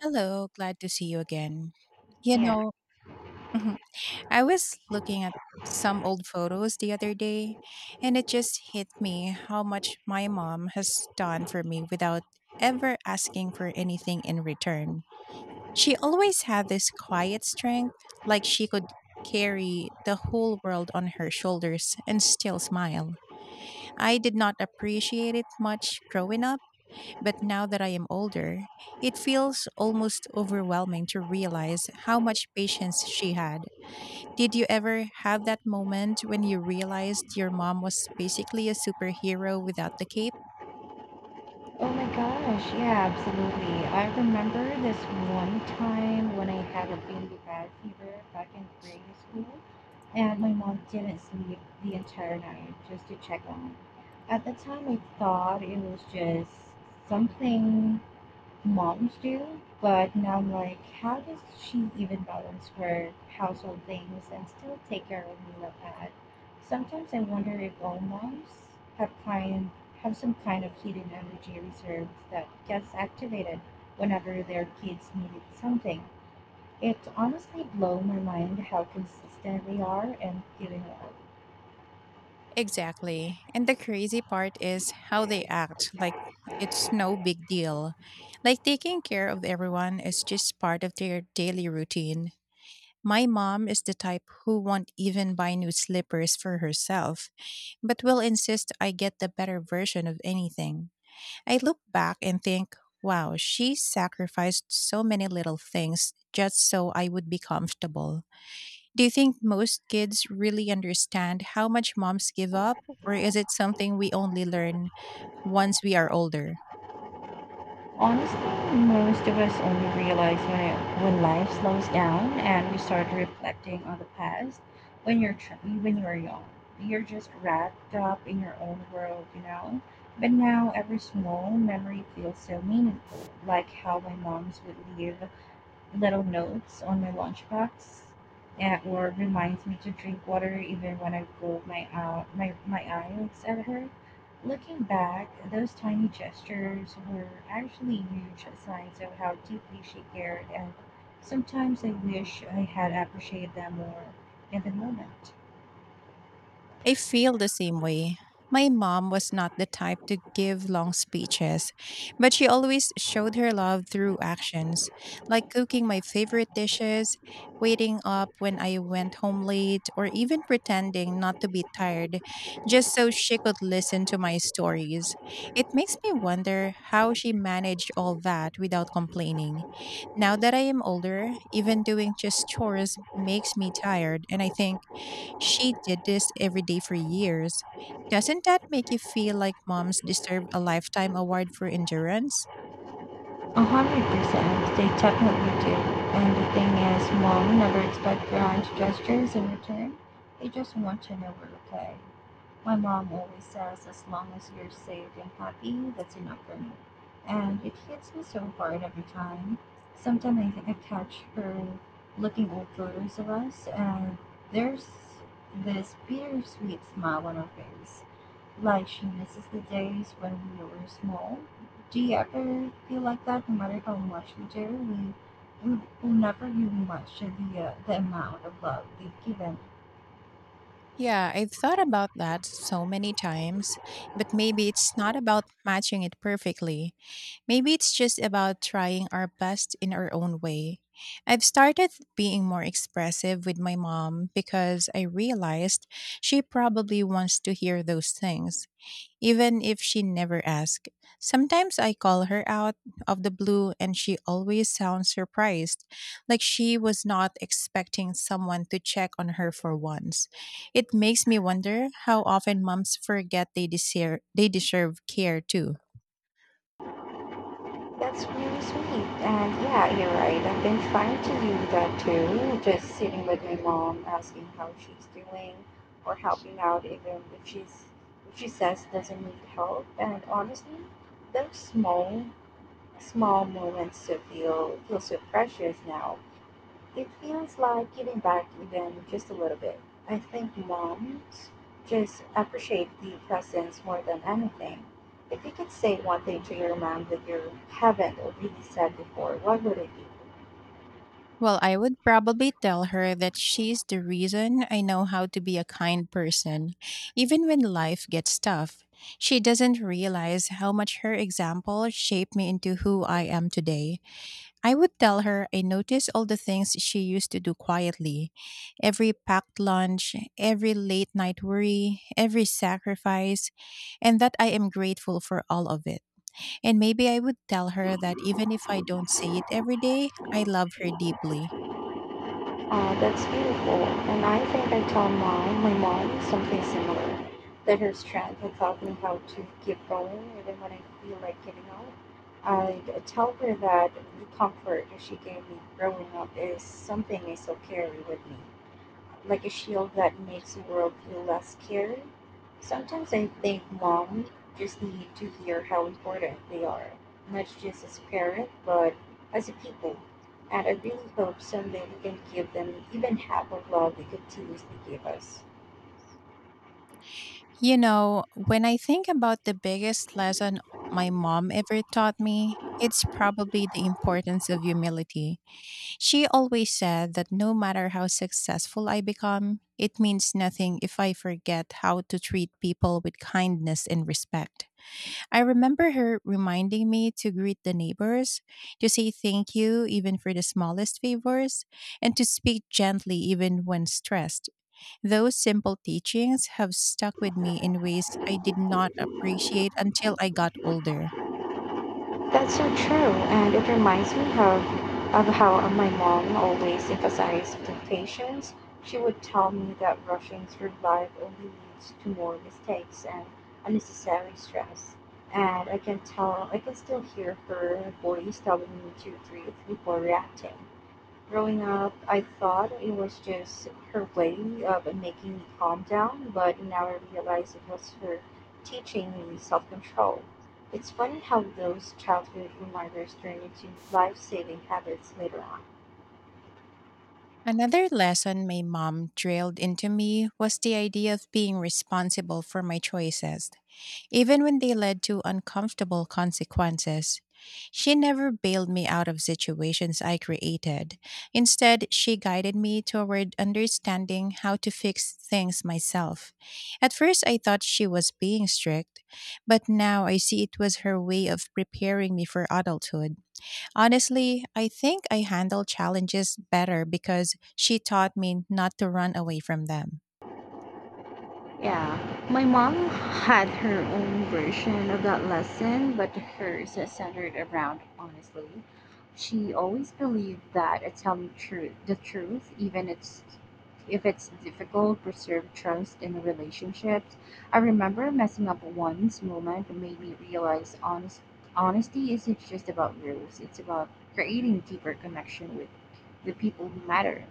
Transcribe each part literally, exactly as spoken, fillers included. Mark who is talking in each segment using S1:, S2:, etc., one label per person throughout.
S1: Hello, glad to see you again. You
S2: Yeah.
S1: know, mhm. I was looking at some old photos the other day, and it just hit me how much my mom has done for me without ever asking for anything in return. She always had this quiet strength, like she could carry the whole world on her shoulders and still smile. I did not appreciate it much growing up, but now that I am older, it feels almost overwhelming to realize how much patience she had. Did you ever have that moment when you realized your mom was basically a superhero without the cape?
S2: Oh my gosh. Yeah, absolutely. I remember this one time when I had a really bad fever back in grade school, and my mom didn't sleep the entire night just to check on me. At the time, I thought it was just something moms do. But now I'm like, how does she even balance her household things and still take care of me like that? Sometimes I wonder if all moms have kind have some kind of hidden energy reserves that gets activated whenever their kids needed something. It honestly blow my mind how consistent they are and giving out.
S1: Exactly. And the crazy part is how they act like it's no big deal. Like taking care of everyone is just part of their daily routine. My mom is the type who won't even buy new slippers for herself but will insist I get the better version of anything. I look back and think, wow, she sacrificed so many little things just so I would be comfortable. Do you think most kids really understand how much moms give up, or is it something we only learn once we are older?
S2: Honestly, most of us only realize when it, when life slows down and we start reflecting on the past. When you're tr- when you're young, you're just wrapped up in your own world, you know. But now every small memory feels so meaningful, like how my mom's would leave little notes on my lunchbox at work reminds me to drink water even when I roll my, ou- my, my eyes at her. Looking back, those tiny gestures were actually huge signs of how deeply she cared, and sometimes I wish I had appreciated them more in the moment.
S1: I feel the same way. My mom was not the type to give long speeches, but she always showed her love through actions, like cooking my favorite dishes, waiting up when I went home late, or even pretending not to be tired just so she could listen to my stories. It makes me wonder how she managed all that without complaining. Now that I am older, even doing just chores makes me tired, and I think, she did this every day for years. Doesn't that make you feel like moms deserve a lifetime award for endurance?
S2: A hundred percent, they definitely do. And the thing is, mom never expect grand gestures in return. They just want to know we're okay. My mom always says, as long as you're safe and happy, that's enough for me. And it hits me so hard every time. Sometimes I think I catch her looking old photos of us, and there's this bittersweet smile on her face, like she misses the days when we were small. Do you ever feel like that? No matter how much we do, we we will never really match the uh, the amount of love they've given.
S1: Yeah, I've thought about that so many times, but maybe it's not about matching it perfectly. Maybe it's just about trying our best in our own way. I've started being more expressive with my mom because I realized she probably wants to hear those things even if she never asks. Sometimes I call her out of the blue and she always sounds surprised, like she was not expecting someone to check on her for once. It makes me wonder how often moms forget they deserve, they deserve care too.
S2: That's really sweet. And yeah, you're right. I've been trying to do that too. Just sitting with my mom, asking how she's doing, or helping out even if she's if she says doesn't need help. And honestly, those small small moments to feel feel so precious now. It feels like giving back even just a little bit. I think moms just appreciate the presence more than anything. If you could say one thing to your mom that you haven't really said before, what would it be?
S1: Well, I would probably tell her that she's the reason I know how to be a kind person, even when life gets tough. She doesn't realize how much her example shaped me into who I am today. I would tell her I notice all the things she used to do quietly, every packed lunch, every late night worry, every sacrifice, and that I am grateful for all of it. And maybe I would tell her that even if I don't say it every day, I love her deeply.
S2: Uh, that's beautiful. And I think I tell mom, my mom something similar. That her strength had taught me how to keep going even when I feel like giving up. I'd tell her that the comfort that she gave me growing up is something I still carry with me, like a shield that makes the world feel less scary. Sometimes I think mom just need to hear how important they are, not just as parent, but as a people. And I really hope someday we can give them even half of love they continuously give us.
S1: You know, when I think about the biggest lesson my mom ever taught me, it's probably the importance of humility. She always said that no matter how successful I become, it means nothing if I forget how to treat people with kindness and respect. I remember her reminding me to greet the neighbors, to say thank you even for the smallest favors, and to speak gently even when stressed. Those simple teachings have stuck with me in ways I did not appreciate until I got older.
S2: That's so true, and it reminds me of, of how uh, my mom always emphasized patience. She would tell me that rushing through life only leads to more mistakes and unnecessary stress. And I can tell, I can still hear her voice telling me to breathe before reacting. Growing up, I thought it was just her way of making me calm down, but now I realize it was her teaching me self control. It's funny how those childhood reminders turn into life saving habits later on.
S1: Another lesson my mom drilled into me was the idea of being responsible for my choices, even when they led to uncomfortable consequences. She never bailed me out of situations I created. Instead, she guided me toward understanding how to fix things myself. At first, I thought she was being strict, but now I see it was her way of preparing me for adulthood. Honestly, I think I handle challenges better because she taught me not to run away from them.
S2: Yeah, my mom had her own version of that lesson, but hers is centered around honestly. She always believed that uh, telling truth, the truth, even it's if it's difficult, preserve trust in relationships. I remember messing up once moment that made me realize honest, honesty isn't just about rules; it's about creating deeper connection with the people who matter.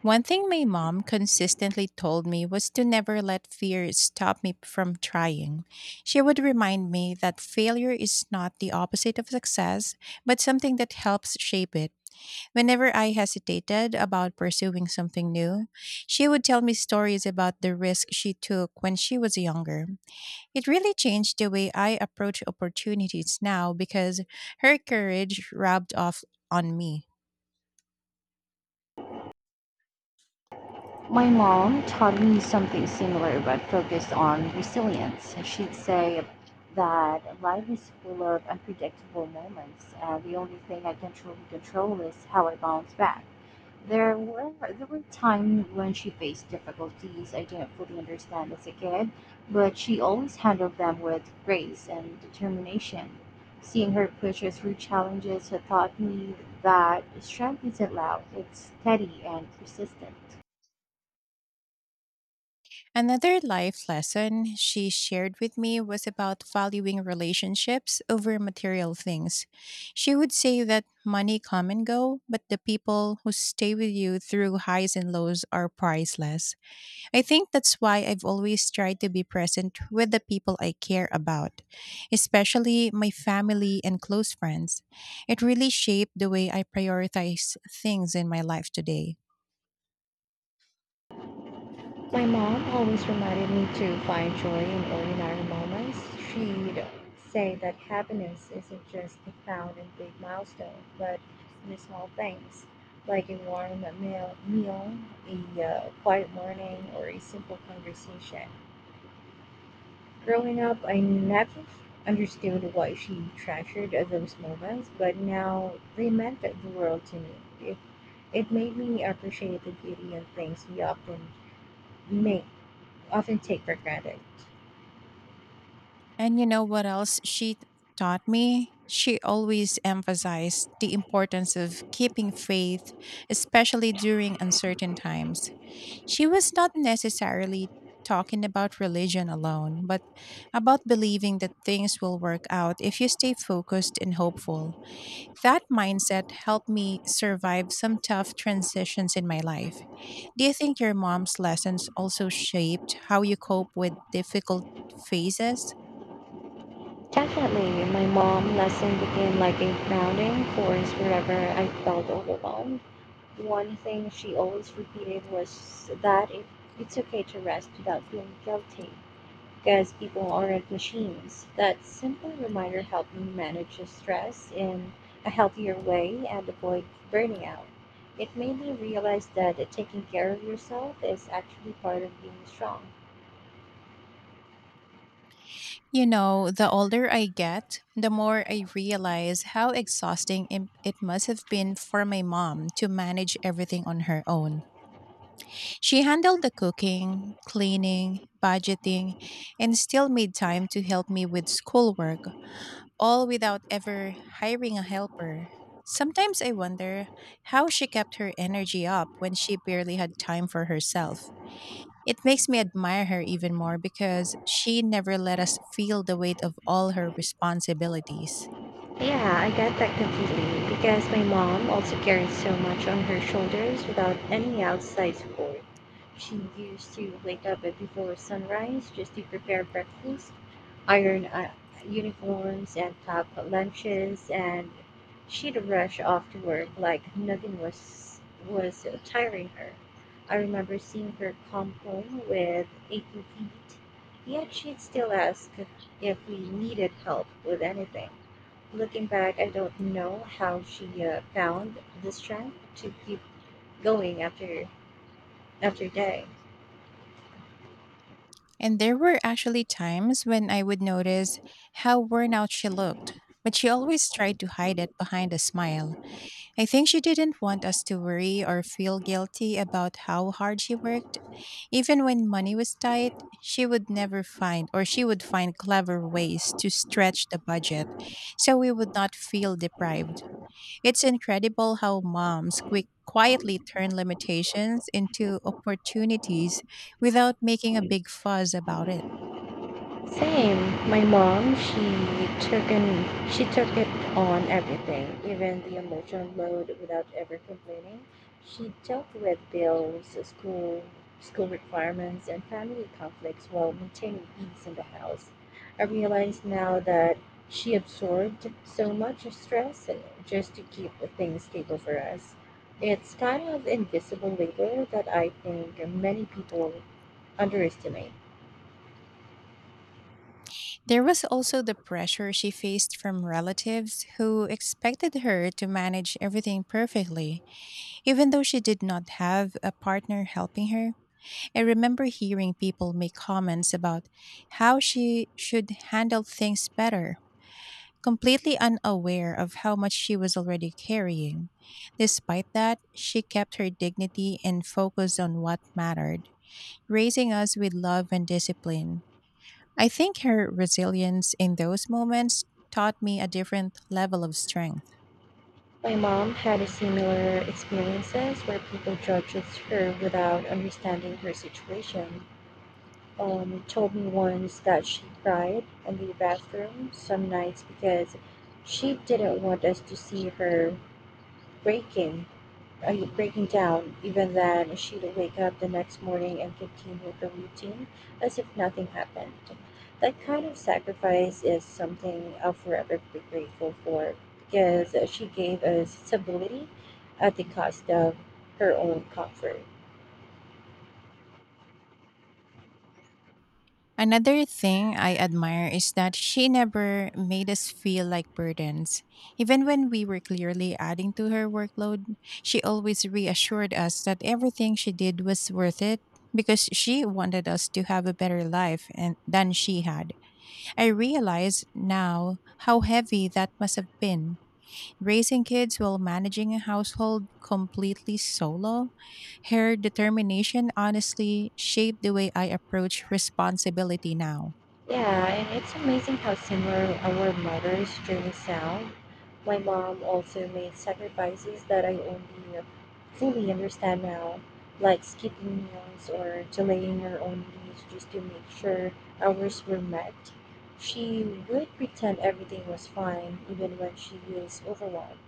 S1: One thing my mom consistently told me was to never let fear stop me from trying. She would remind me that failure is not the opposite of success, but something that helps shape it. Whenever I hesitated about pursuing something new, she would tell me stories about the risk she took when she was younger. It really changed the way I approach opportunities now because her courage rubbed off on me.
S2: My mom taught me something similar but focused on resilience. She'd say that life is full of unpredictable moments, and the only thing I can truly control is how I bounce back. There were there were times when she faced difficulties I didn't fully understand as a kid, but she always handled them with grace and determination. Seeing her push us through challenges had taught me that strength isn't loud; it's steady and persistent.
S1: Another life lesson she shared with me was about valuing relationships over material things. She would say that money come and go, but the people who stay with you through highs and lows are priceless. I think that's why I've always tried to be present with the people I care about, especially my family and close friends. It really shaped the way I prioritize things in my life today.
S2: My mom always reminded me to find joy in ordinary moments. She'd say that happiness isn't just found in big milestones, but in the small things, like a warm meal, meal a uh, quiet morning, or a simple conversation. Growing up, I never understood why she treasured those moments, but now they meant the world to me. It, it made me appreciate the beauty of things we often make, often take for granted.
S1: And you know what else she taught me? She always emphasized the importance of keeping faith, especially during uncertain times. She was not necessarily talking about religion alone, but about believing that things will work out if you stay focused and hopeful. That mindset helped me survive some tough transitions in my life. Do you think your mom's lessons also shaped how you cope with difficult phases?
S2: Definitely, my mom lesson became like a grounding force wherever I felt overwhelmed. One thing she always repeated was that it, it's okay to rest without feeling guilty, because people aren't machines. That simple reminder helped me manage the stress in a healthier way and avoid burning out. It made me realize that taking care of yourself is actually part of being strong.
S1: You know, the older I get, the more I realize how exhausting im- it must have been for my mom to manage everything on her own. She handled the cooking, cleaning, budgeting, and still made time to help me with schoolwork, all without ever hiring a helper. Sometimes I wonder how she kept her energy up when she barely had time for herself. It makes me admire her even more because she never let us feel the weight of all her responsibilities.
S2: Yeah, I get that completely because my mom also carries so much on her shoulders without any outside support. She used to wake up at before sunrise just to prepare breakfast, iron uh, uniforms, and pack lunches, and she'd rush off to work like nothing was was tiring her. I remember seeing her come home with aching feet, yet she'd still ask if we needed help with anything. Looking back, I don't know how she uh, found the strength to keep going after after day.
S1: And there were actually times when I would notice how worn out she looked, but she always tried to hide it behind a smile. I think she didn't want us to worry or feel guilty about how hard she worked. Even when money was tight, she would never find or she would find clever ways to stretch the budget so we would not feel deprived. It's incredible how moms quick quietly turn limitations into opportunities without making a big fuss about it.
S2: Same. My mom, she took an she took it on everything, even the emotional load without ever complaining. She dealt with bills, school school requirements and family conflicts while maintaining peace in the house. I realize now that she absorbed so much stress just to keep things stable for us. It's kind of invisible labor that I think many people underestimate.
S1: There was also the pressure she faced from relatives who expected her to manage everything perfectly, even though she did not have a partner helping her. I remember hearing people make comments about how she should handle things better, completely unaware of how much she was already carrying. Despite that, she kept her dignity and focused on what mattered, raising us with love and discipline. I think her resilience in those moments taught me a different level of strength.
S2: My mom had a similar experiences where people judged her without understanding her situation. Um, told me once that she cried in the bathroom some nights because she didn't want us to see her breaking are you breaking down? Even then, she'd wake up the next morning and continue the routine as if nothing happened. That kind of sacrifice is something I'll forever be grateful for because she gave us stability at the cost of her own comfort.
S1: Another thing I admire is that she never made us feel like burdens. Even when we were clearly adding to her workload, she always reassured us that everything she did was worth it because she wanted us to have a better life and, than she had. I realize now how heavy that must have been, raising kids while managing a household completely solo. Her determination honestly shaped the way I approach responsibility now.
S2: Yeah, and it's amazing how similar our mothers' journey sound. My mom also made sacrifices that I only fully understand now, like skipping meals or delaying her own needs just to make sure ours were met. She would pretend everything was fine even when she was overwhelmed,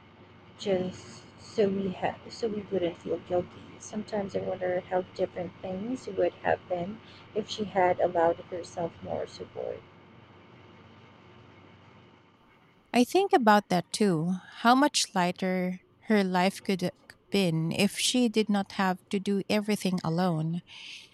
S2: just so we ha- so we wouldn't feel guilty. Sometimes I wonder how different things would have been if she had allowed herself more support.
S1: I think about that too. How much lighter her life could have been if she did not have to do everything alone.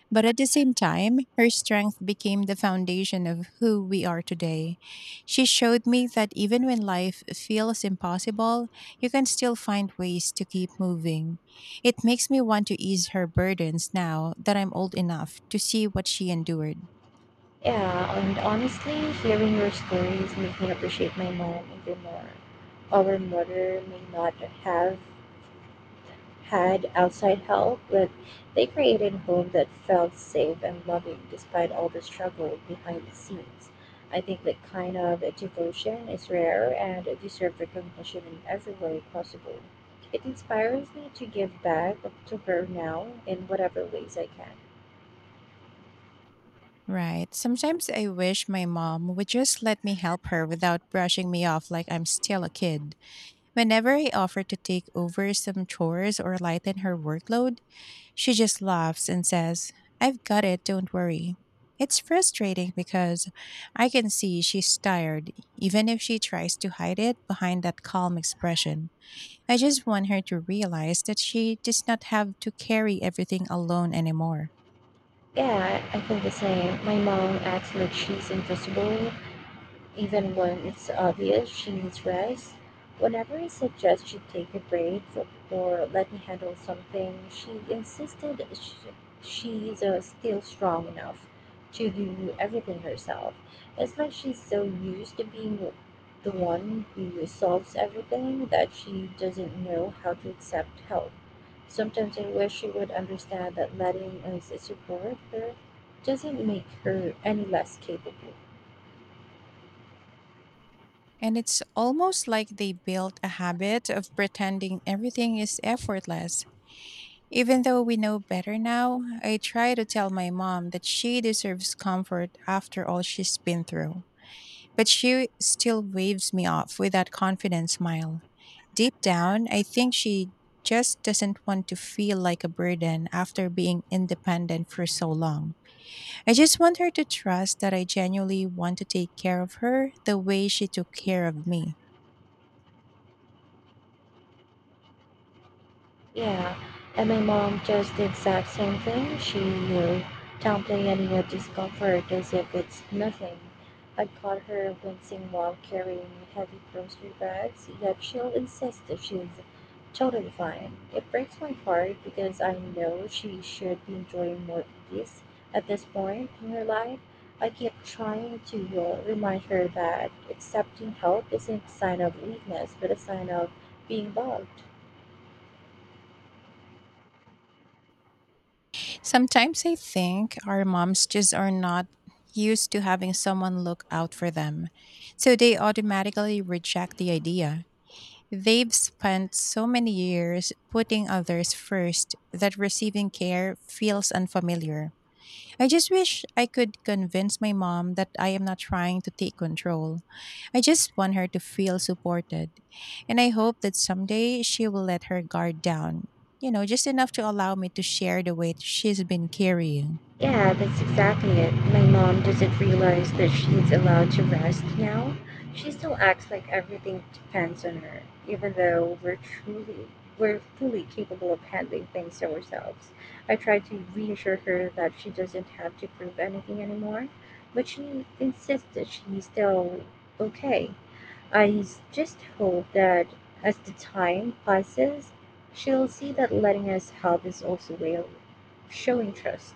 S1: But at the same time, her strength became the foundation of who we are today. She showed me that even when life feels impossible, you can still find ways to keep moving. It makes me want to ease her burdens now that I'm old enough to see what she endured.
S2: Yeah, and honestly, hearing your stories make me appreciate my mom even more. Our mother may not have had outside help, but they created a home that felt safe and loving despite all the struggle behind the scenes. I think that kind of devotion is rare and deserves recognition in every way possible. It inspires me to give back to her now in whatever ways I can.
S1: Right. Sometimes I wish my mom would just let me help her without brushing me off like I'm still a kid. Whenever I offer to take over some chores or lighten her workload, she just laughs and says, "I've got it, don't worry." It's frustrating because I can see she's tired, even if she tries to hide it behind that calm expression. I just want her to realize that she does not have to carry everything alone anymore.
S2: Yeah, I I feel the same. My mom acts like she's invincible, even when it's obvious she needs rest, whenever I suggest she take a break or let me handle something, she insisted sh she's uh, still strong enough to do everything herself. It's like she's so used to being the one who solves everything that she doesn't know how to accept help. Sometimes I wish she would understand that letting us support her doesn't make her any less capable.
S1: And it's almost like they built a habit of pretending everything is effortless. Even though we know better now, I try to tell my mom that she deserves comfort after all she's been through. But she still waves me off with that confident smile. Deep down, I think she just doesn't want to feel like a burden after being independent for so long. I just want her to trust that I genuinely want to take care of her the way she took care of me.
S2: Yeah, and my mom does the exact same thing. She will downplay any of discomfort as if it's nothing. I caught her wincing while carrying heavy grocery bags, yet she'll insist that she's totally fine. It breaks my heart because I know she should be enjoying more ease at this point in her life. I keep trying to uh, remind her that accepting help isn't a sign of weakness, but a sign of being loved.
S1: Sometimes I think our moms just are not used to having someone look out for them, so they automatically reject the idea. They've spent so many years putting others first that receiving care feels unfamiliar. I just wish I could convince my mom that I am not trying to take control. I just want her to feel supported. And I hope that someday she will let her guard down, you know, just enough to allow me to share the weight she's been carrying.
S2: Yeah, that's exactly it. My mom doesn't realize that she's allowed to rest now. She still acts like everything depends on her, even though we're truly we're fully capable of handling things ourselves. I try to reassure her that she doesn't have to prove anything anymore, but she insists that she's still okay. I s- just hope that as the time passes, she'll see that letting us help is also a way of showing trust.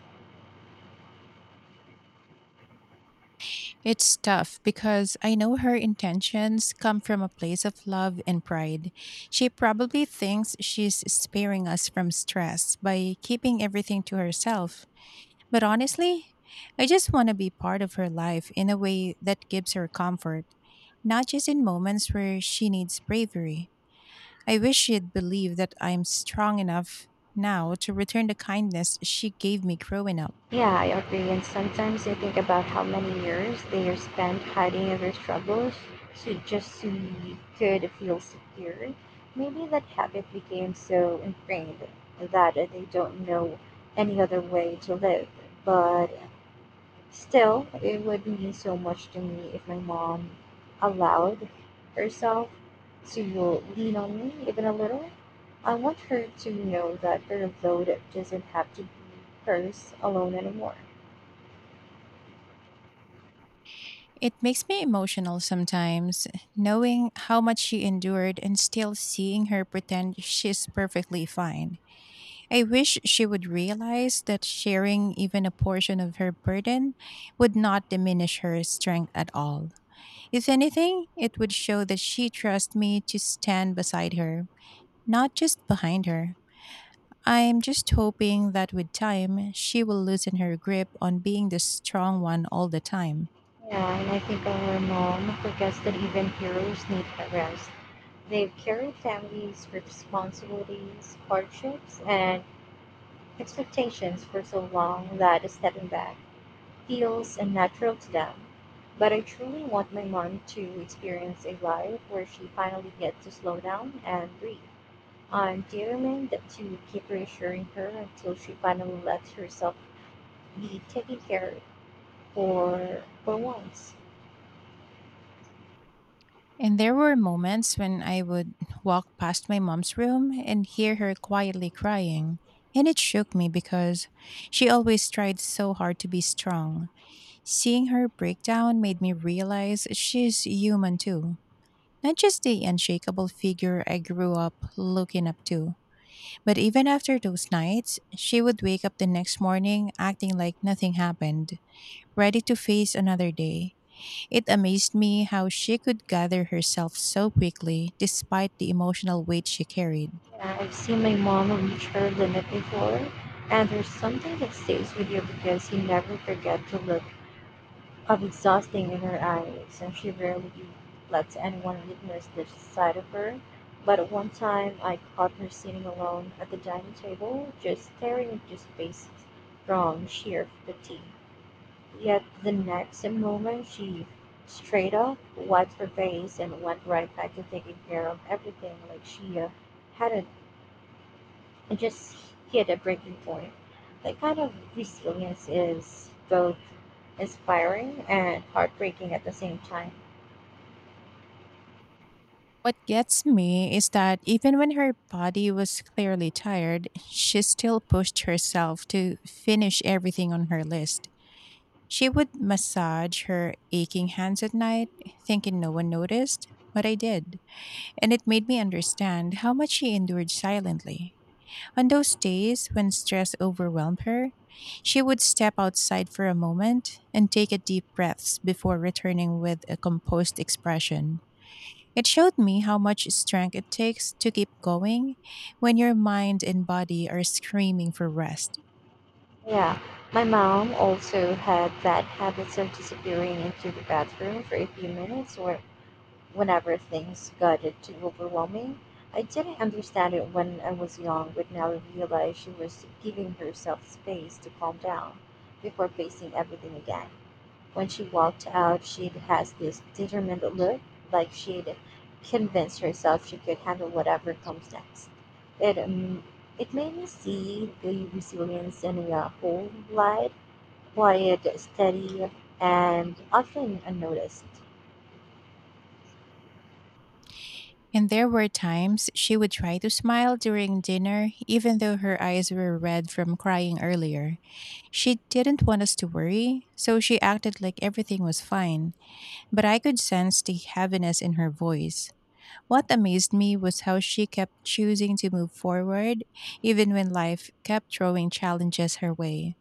S1: It's tough because I know her intentions come from a place of love and pride. She probably thinks she's sparing us from stress by keeping everything to herself. But honestly, I just want to be part of her life in a way that gives her comfort, not just in moments where she needs bravery. I wish she'd believe that I'm strong enough now to return the kindness she gave me growing up.
S2: Yeah, I agree. And sometimes I think about how many years they are spent hiding their struggles, so just so you could feel secure. Maybe that habit became so ingrained that they don't know any other way to live. But still, it would mean so much to me if my mom allowed herself to lean on me even a little. I want her to know that her load doesn't have to be hers alone anymore.
S1: It makes me emotional sometimes, knowing how much she endured and still seeing her pretend she's perfectly fine. I wish she would realize that sharing even a portion of her burden would not diminish her strength at all. If anything, it would show that she trusts me to stand beside her, not just behind her. I'm just hoping that with time, she will loosen her grip on being the strong one all the time.
S2: Yeah, and I think our mom forgets that even heroes need a rest. They've carried families, responsibilities, hardships, and expectations for so long that stepping back feels unnatural to them. But I truly want my mom to experience a life where she finally gets to slow down and breathe. I'm determined to keep reassuring her until she finally lets herself be taken care of for, for once.
S1: And there were moments when I would walk past my mom's room and hear her quietly crying. And it shook me because she always tried so hard to be strong. Seeing her breakdown made me realize she's human too. Not just the unshakable figure I grew up looking up to. But even after those nights, she would wake up the next morning acting like nothing happened, ready to face another day. It amazed me how she could gather herself so quickly despite the emotional weight she carried.
S2: Yeah, I've seen my mom reach her limit before, and there's something that stays with you because you never forget the look of exhausting in her eyes, and she rarely lets anyone witness this side of her. But one time, I caught her sitting alone at the dining table, just staring into space from sheer fatigue. Yet the next moment, she straight up wiped her face and went right back to taking care of everything like she uh, hadn't and just hit a breaking point. That kind of resilience is both inspiring and heartbreaking at the same time.
S1: What gets me is that even when her body was clearly tired, she still pushed herself to finish everything on her list. She would massage her aching hands at night, thinking no one noticed, but I did. And it made me understand how much she endured silently. On those days when stress overwhelmed her, she would step outside for a moment and take a deep breaths before returning with a composed expression. It showed me how much strength it takes to keep going when your mind and body are screaming for rest.
S2: Yeah, my mom also had bad habits of disappearing into the bathroom for a few minutes or whenever things got it too overwhelming. I didn't understand it when I was young, but now I realize she was giving herself space to calm down before facing everything again. When she walked out, she has this determined look, like she'd convinced herself she could handle whatever comes next. It um, it made me see the resilience in a whole light, quiet, steady, and often unnoticed.
S1: And there were times she would try to smile during dinner, even though her eyes were red from crying earlier. She didn't want us to worry, so she acted like everything was fine, but I could sense the heaviness in her voice. What amazed me was how she kept choosing to move forward, even when life kept throwing challenges her way.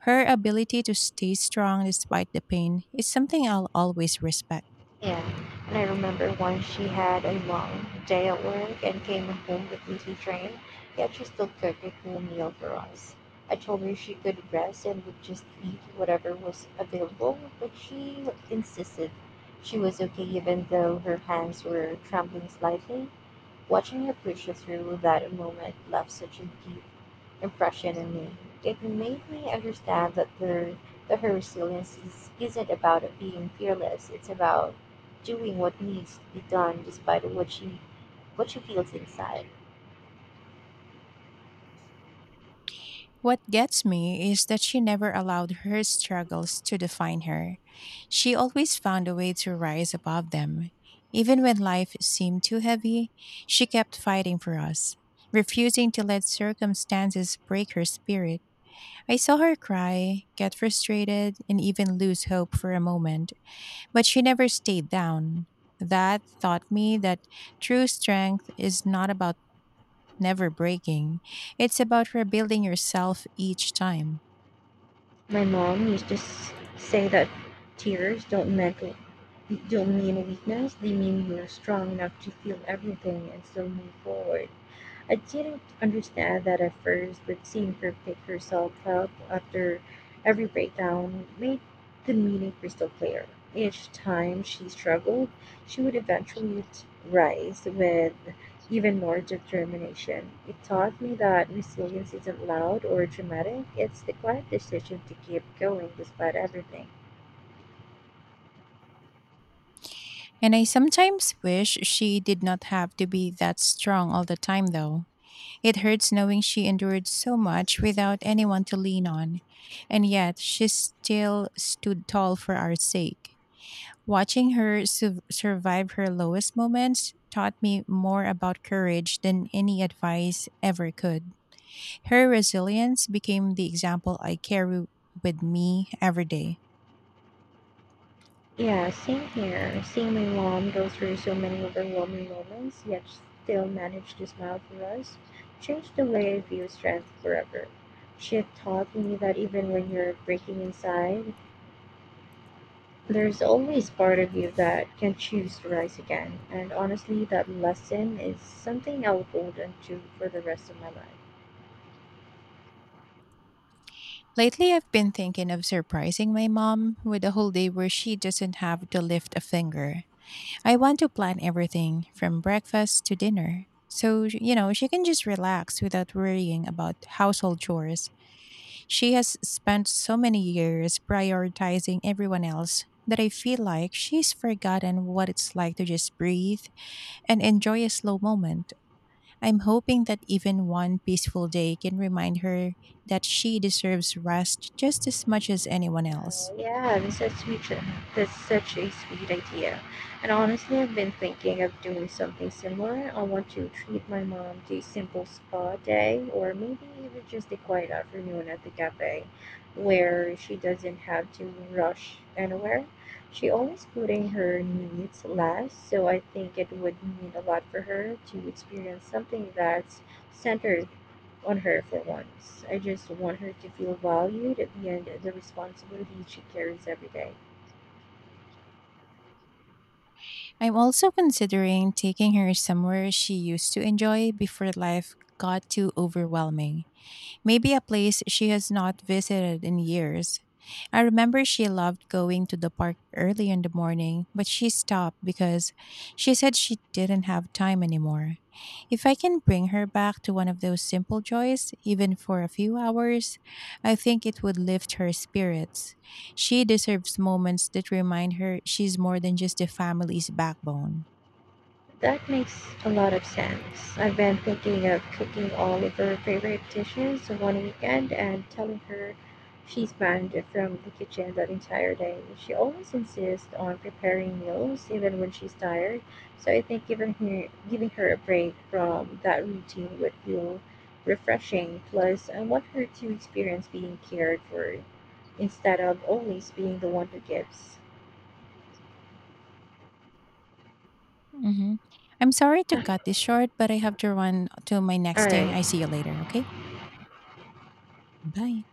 S1: Her ability to stay strong despite the pain is something I'll always respect.
S2: Yeah. And I remember once she had a long day at work and came home completely drained, yet she still cooked a full meal for us. I told her she could rest and would just eat whatever was available, but she insisted she was okay even though her hands were trembling slightly. Watching her preacher through that moment left such a deep impression on me. It made me understand that her that her resilience is, isn't about being fearless. It's about doing what needs to be done despite what she what she feels inside.
S1: What gets me is that she never allowed her struggles to define her. She always found a way to rise above them. Even when life seemed too heavy, she kept fighting for us, refusing to let circumstances break her spirit. I saw her cry, get frustrated, and even lose hope for a moment, but she never stayed down. That taught me that true strength is not about never breaking, it's about rebuilding yourself each time.
S2: My mom used to s- say that tears don't mean don't mean weakness. They mean you're strong enough to feel everything and still move forward. I didn't understand that at first, but seeing her pick herself up after every breakdown made the meaning crystal clear. Each time she struggled, she would eventually t- rise with even more determination. It taught me that resilience isn't loud or dramatic, it's the quiet decision to keep going despite everything.
S1: And I sometimes wish she did not have to be that strong all the time, though. It hurts knowing she endured so much without anyone to lean on, and yet she still stood tall for our sake. Watching her su- survive her lowest moments taught me more about courage than any advice ever could. Her resilience became the example I carry with me every day.
S2: Yeah, same here. Seeing my mom go through so many overwhelming moments, yet still manage to smile through us, changed the way I view strength forever. She had taught me that even when you're breaking inside, there's always part of you that can choose to rise again. And honestly, that lesson is something I'll hold on to for the rest of my life.
S1: Lately, I've been thinking of surprising my mom with a whole day where she doesn't have to lift a finger. I want to plan everything from breakfast to dinner. So, you know, she can just relax without worrying about household chores. She has spent so many years prioritizing everyone else that I feel like she's forgotten what it's like to just breathe and enjoy a slow moment. I'm hoping that even one peaceful day can remind her that she deserves rest just as much as anyone else.
S2: Yeah, research makes uh, That's such a sweet idea. And honestly, I've been thinking of doing something similar. I want to treat my mom to a simple spa day, or maybe even just a quiet afternoon at the cafe, where she doesn't have to rush anywhere. She always putting her needs last, so I think it would mean a lot for her to experience something that's centered on her for once. I just want her to feel valued and the responsibility she carries every day.
S1: I'm also considering taking her somewhere she used to enjoy before life got too overwhelming. Maybe a place she has not visited in years. I remember she loved going to the park early in the morning, but she stopped because she said she didn't have time anymore. If I can bring her back to one of those simple joys, even for a few hours, I think it would lift her spirits. She deserves moments that remind her she's more than just a family's backbone.
S2: That makes a lot of sense. I've been thinking of cooking all of her favorite dishes one weekend and telling her she's banned from the kitchen that entire day. She always insists on preparing meals even when she's tired, so I think giving her giving her a break from that routine would feel refreshing. Plus, I want her to experience being cared for instead of always being the one who gives.
S1: Hmm. I'm sorry to
S2: All
S1: cut this short, but I have to run to my next thing. I
S2: right.
S1: see you later, okay? Bye.